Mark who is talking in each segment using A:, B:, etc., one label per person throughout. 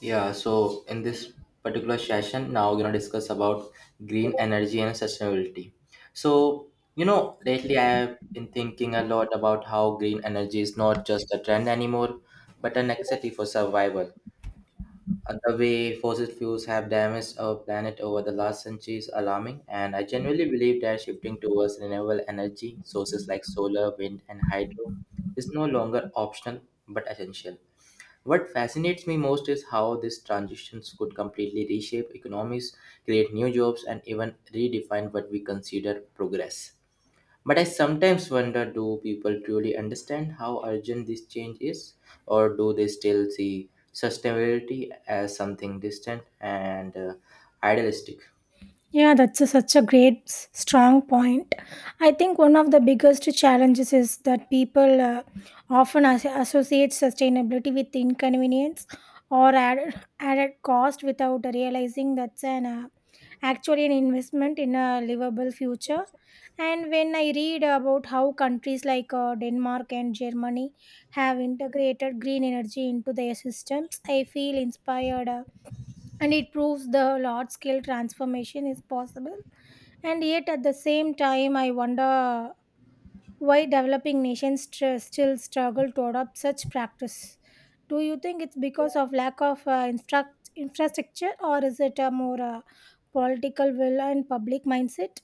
A: Yeah, so in this particular session, now we're gonna discuss about green energy and sustainability. So, you know, lately I have been thinking a lot about how green energy is not just a trend anymore, but a necessity for survival. And the way fossil fuels have damaged our planet over the last century is alarming, and I genuinely believe that shifting towards renewable energy sources like solar, wind, and hydro is no longer optional but essential. What fascinates me most is how these transitions could completely reshape economies, create new jobs, and even redefine what we consider progress. But I sometimes wonder, do people truly understand how urgent this change is, or do they still see sustainability as something distant and idealistic?
B: Yeah, that's such a great, strong point. I think one of the biggest challenges is that people often associate sustainability with inconvenience or added cost without realizing that's an actually an investment in a livable future. And when I read about how countries like Denmark and Germany have integrated green energy into their systems, I feel inspired, and it proves the large scale transformation is possible. And yet at the same time I wonder why developing nations still struggle to adopt such practice. Do you think it's because of lack of infrastructure, or is it a more political will and public mindset?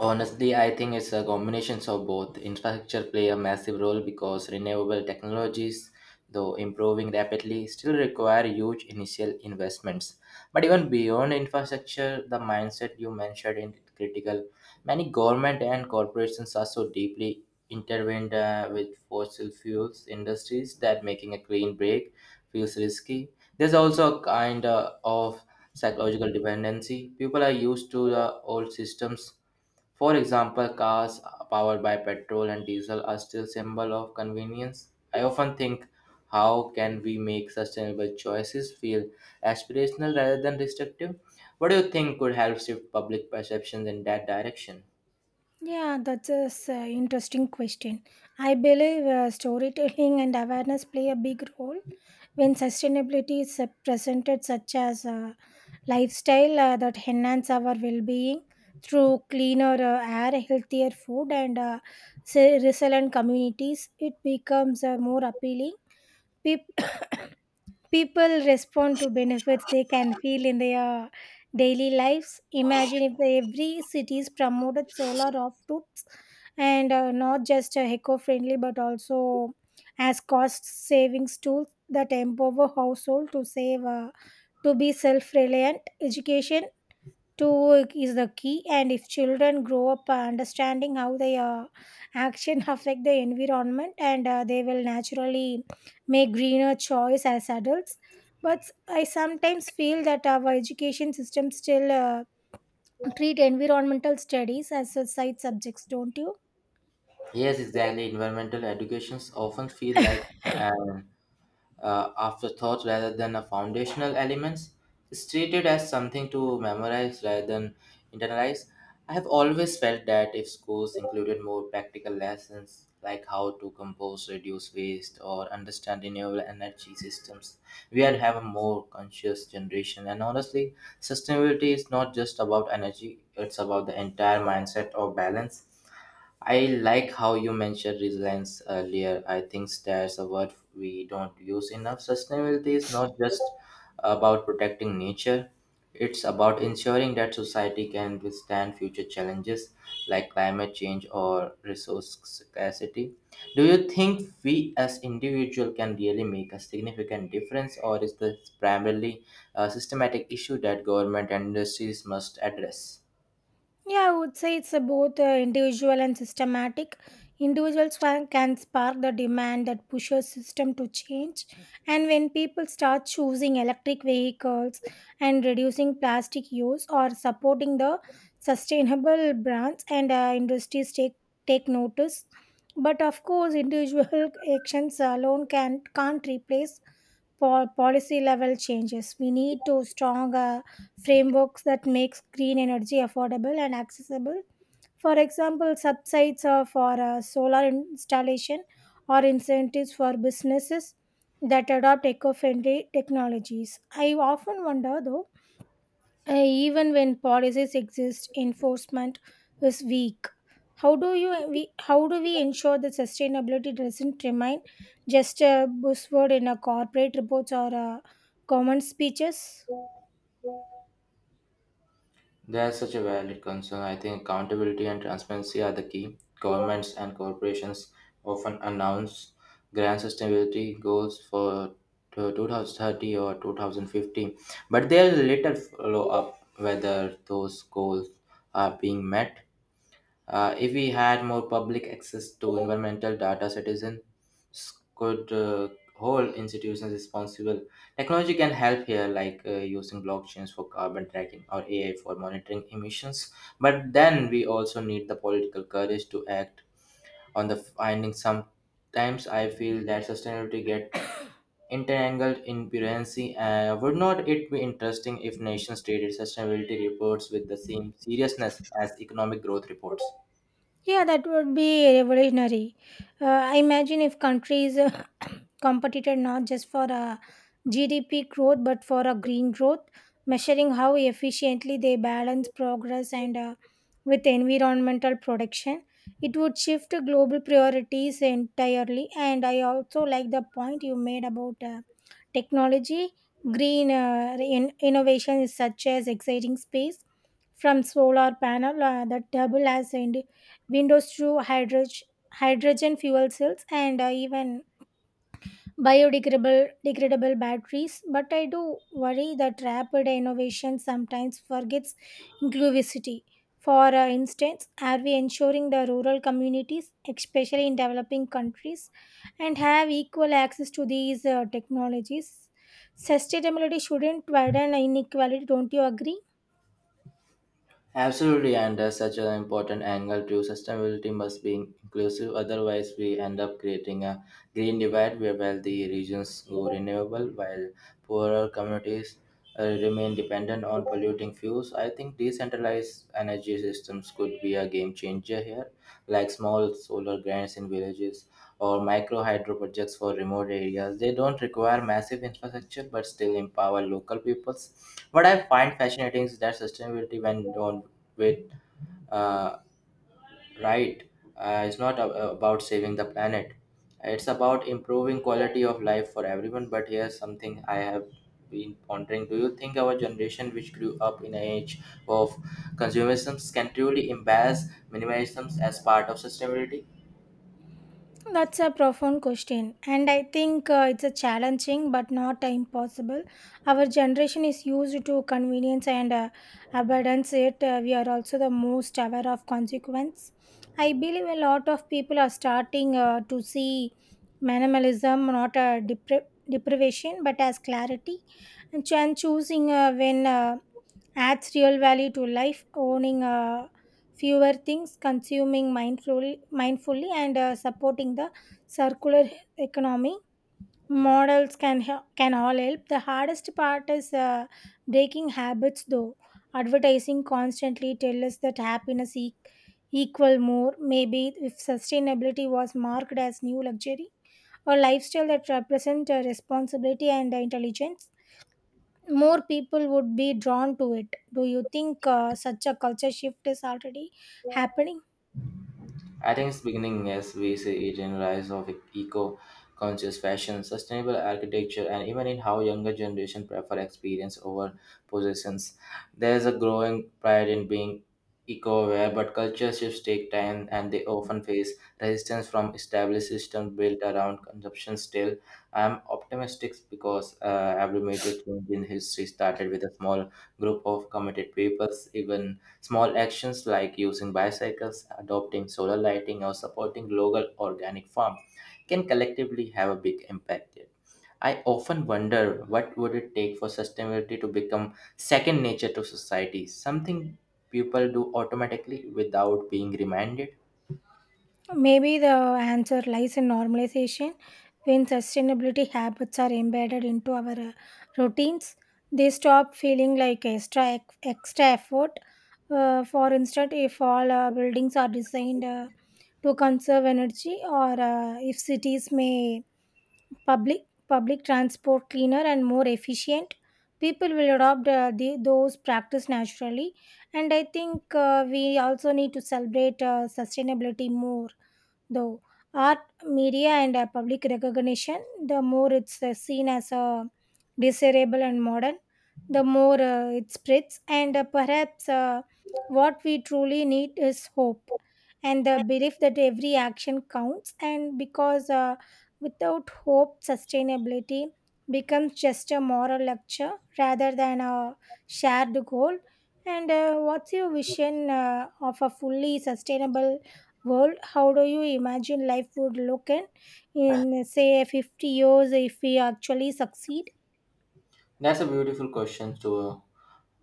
A: Honestly, I think it's a combination of both. Infrastructure play a massive role because renewable technologies, though improving rapidly, still require huge initial investments. But even beyond infrastructure, the mindset you mentioned is critical. Many government and corporations are so deeply intertwined with fossil fuels industries that making a clean break feels risky. There's also a kind of psychological dependency. People are used to the old systems, for example, cars powered by petrol and diesel are still symbol of convenience. I often think, how can we make sustainable choices feel aspirational rather than restrictive? What do you think could help shift public perceptions in that direction?
B: Yeah, that's an interesting question. I believe storytelling and awareness play a big role when sustainability is presented, such as lifestyle that enhance our well-being through cleaner air, healthier food, and resilient communities. It becomes more appealing. People people respond to benefits they can feel in their daily lives. Imagine if every cities promoted solar rooftops and not just eco-friendly, but also as cost savings tools that empower household to save, to be self-reliant. Education to work is the key, and if children grow up understanding how they action affect the environment, and they will naturally make greener choice as adults. But I sometimes feel that our education system still treat environmental studies as a side subjects, don't you?
A: Yes, exactly. Environmental educations often feel like an afterthought rather than a foundational elements, is treated as something to memorize rather than internalize. I have always felt that if schools included more practical lessons like how to compose, reduce waste, or understand renewable energy systems, we would have a more conscious generation. And honestly, sustainability is not just about energy, it's about the entire mindset of balance. I like how you mentioned resilience earlier. I think there's a word we don't use enough. Sustainability is not just about protecting nature, it's about ensuring that society can withstand future challenges like climate change or resource scarcity. Do you think we as individuals can really make a significant difference, or is this primarily a systematic issue that government and industries must address?
B: Yeah, I would say it's a both individual and systematic. Individuals can spark the demand that pushes system to change, and when people start choosing electric vehicles and reducing plastic use or supporting the sustainable brands, and industries take notice. But of course, individual actions alone can't replace for policy level changes. We need to stronger frameworks that makes green energy affordable and accessible. For example, subsidies are for solar installation or incentives for businesses that adopt eco-friendly technologies. I often wonder though, even when policies exist, enforcement is weak. How do we ensure that sustainability doesn't remain just a buzzword in a corporate reports or government speeches?
A: That's such a valid concern. I think accountability and transparency are the key. Governments and corporations often announce grand sustainability goals for to 2030 or 2050, but there is little follow up whether those goals are being met. If we had more public access to environmental data, citizens could hold institutions responsible. Technology can help here, like using blockchains for carbon tracking or AI for monitoring emissions. But then we also need the political courage to act on the findings. Sometimes I feel that sustainability get entangled in bureaucracy. Would not it be interesting if nations treated sustainability reports with the same seriousness as economic growth reports?
B: Yeah, that would be revolutionary. I imagine if countries competitor not just for a GDP growth, but for a green growth, measuring how efficiently they balance progress, and with environmental protection. It would shift global priorities entirely. And I also like the point you made about technology. Green innovation is such as exciting space, from solar panel that double as in windows, to hydrogen fuel cells, and even biodegradable degradable batteries. But I do worry that rapid innovation sometimes forgets inclusivity. For instance, are we ensuring the rural communities, especially in developing countries, and have equal access to these technologies? Sustainability shouldn't widen inequality, don't you agree?
A: Absolutely, and that's such an important angle to sustainability must be inclusive. Otherwise, we end up creating a green divide where wealthy regions go renewable while poorer communities remain dependent on polluting fuels. I think decentralized energy systems could be a game changer here, like small solar grants in villages or micro hydro projects for remote areas. They don't require massive infrastructure but still empower local peoples. What I find fascinating is that sustainability, when done with uh, right, it's not a- about saving the planet, it's about improving quality of life for everyone. But here's something I have been pondering, do you think our generation, which grew up in an age of consumerism, can truly embrace minimalism as part of sustainability?
B: That's a profound question, and I think it's a challenging but not impossible. Our generation is used to convenience and abundance. Yet we are also the most aware of consequence. I believe a lot of people are starting to see minimalism not a deprivation but as clarity, and choosing when adds real value to life, owning fewer things, consuming mindfully and supporting the circular economy models can all help. The hardest part is breaking habits, though. Advertising constantly tell us that happiness equal more. Maybe if sustainability was marked as new luxury, a lifestyle that represents responsibility and intelligence, more people would be drawn to it. Do you think such a culture shift is already happening?
A: I think it's beginning as we see it in rise of eco-conscious fashion, sustainable architecture, and even in how younger generation prefer experience over possessions. There is a growing pride in being eco-aware, but culture shifts take time, and they often face resistance from established systems built around consumption. Still, I'm optimistic because every major change in history started with a small group of committed people, even small actions like using bicycles, adopting solar lighting, or supporting local organic farms can collectively have a big impact here. I often wonder, what would it take for sustainability to become second nature to society, something people do automatically without being reminded.
B: Maybe the answer lies in normalization. When sustainability habits are embedded into our routines, they stop feeling like extra effort. For instance, if all buildings are designed to conserve energy, or if cities may public transport cleaner and more efficient, people will adopt those practice naturally. And I think we also need to celebrate sustainability more. Though art, media, and public recognition, the more it's seen as desirable and modern, the more it spreads. And perhaps what we truly need is hope, and the belief that every action counts. And because without hope, sustainability becomes just a moral lecture rather than a shared goal. And what's your vision of a fully sustainable world? How do you imagine life would look in say 50 years if we actually succeed?
A: That's a beautiful question to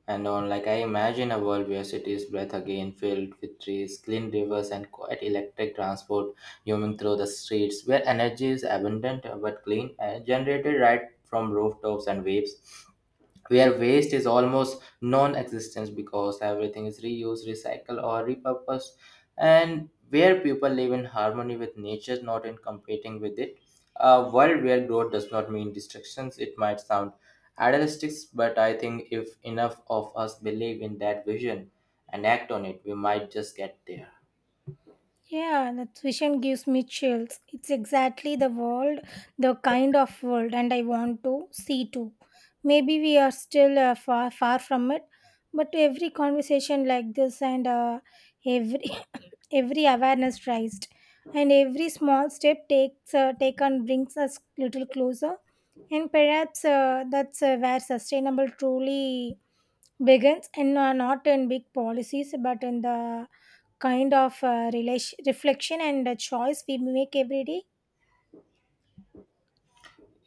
A: and on, like, I imagine a world where cities breathe again, filled with trees, clean rivers, and quiet electric transport humming through the streets, where energy is abundant but clean and generated right from rooftops and waves, where waste is almost non-existence because everything is reused, recycled, or repurposed, and where people live in harmony with nature, not in competing with it. A world where growth does not mean destructions. It might sound idealistic, but I think if enough of us believe in that vision and act on it, we might just get there.
B: Yeah, that vision gives me chills. It's exactly the kind of world and I want to see too. Maybe we are still far from it, but every conversation like this, and every every awareness raised, and every small step takes taken brings us little closer. And perhaps that's where sustainable truly begins, and not in big policies, but in the kind of reflection and the choice we make every day.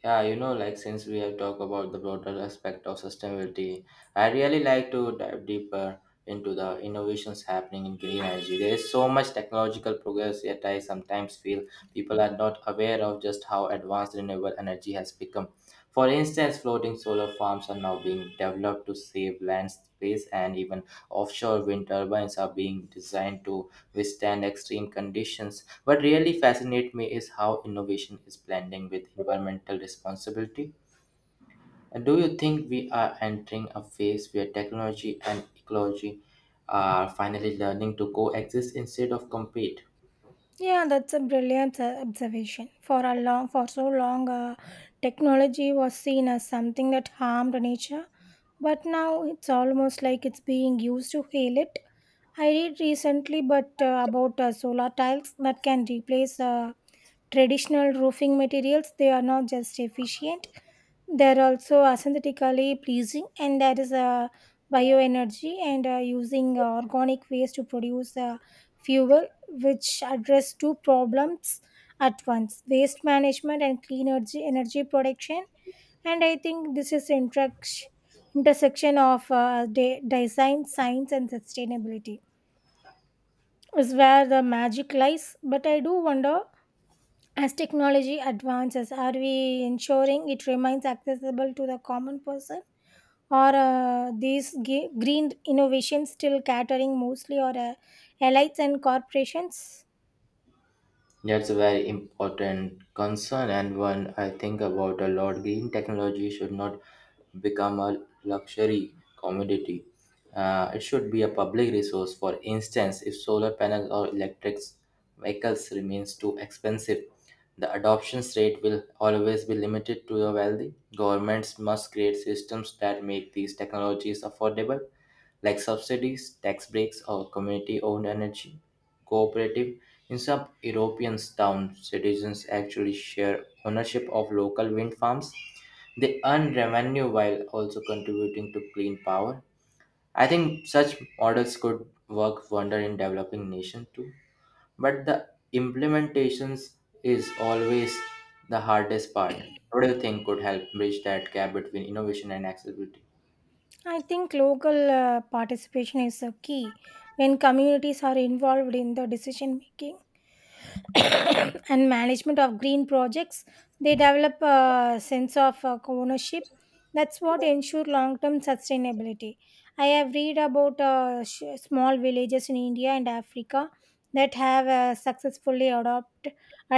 A: Yeah, you know, like since we have talked about the broader aspect of sustainability, I really like to dive deeper into the innovations happening in green energy. There is so much technological progress, yet I sometimes feel people are not aware of just how advanced renewable energy has become. For instance, floating solar farms are now being developed to save land space, and even offshore wind turbines are being designed to withstand extreme conditions. What really fascinates me is how innovation is blending with environmental responsibility. And do you think we are entering a phase where technology and ecology are finally learning to coexist instead of compete?
B: Yeah, that's a brilliant observation. For so long technology was seen as something that harmed nature, but now it's almost like it's being used to heal it. I read recently, but about solar tiles that can replace traditional roofing materials. They are not just efficient; they are also aesthetically pleasing. And there is bioenergy, and using organic waste to produce fuel, which address two problems at once: waste management and clean energy production. And I think this is interaction intersection of design, science, and sustainability is where the magic lies. But I do wonder, as technology advances, are we ensuring it remains accessible to the common person? Or these green innovations still catering mostly or elites and corporations?
A: That's a very important concern and one I think about a lot. Green technology should not become a luxury commodity. It should be a public resource. For instance, if solar panels or electric vehicles remains too expensive, the adoption rate will always be limited to the wealthy. Governments must create systems that make these technologies affordable, like subsidies, tax breaks, or community-owned energy cooperative. In some European towns, citizens actually share ownership of local wind farms, they earn revenue while also contributing to clean power. I think such models could work wonder in developing nations too. But the implementations is always the hardest part. What do you think could help bridge that gap between innovation and accessibility?
B: I think local participation is a key. When communities are involved in the decision making, and management of green projects, they develop a sense of ownership. That's what ensure long term sustainability. I have read about small villages in India and Africa that have successfully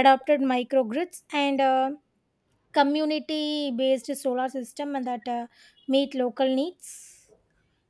B: adopted microgrids and community based solar system, and that meet local needs.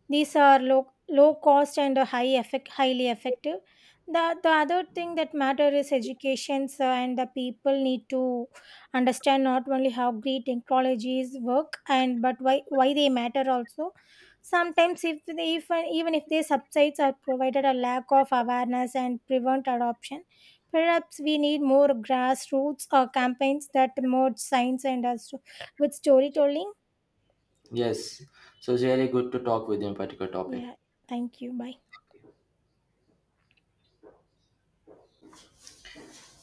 B: These are low cost and highly effective. The other thing that matter is education sir, and the people need to understand not only how great technologies work, and but why they matter also. Sometimes if even if these subsides are provided, a lack of awareness and prevent adoption. Perhaps we need more grassroots campaigns that merge science and us with storytelling.
A: Yes, so it's really good to talk with you in particular topic.
B: Yeah, thank you. Bye.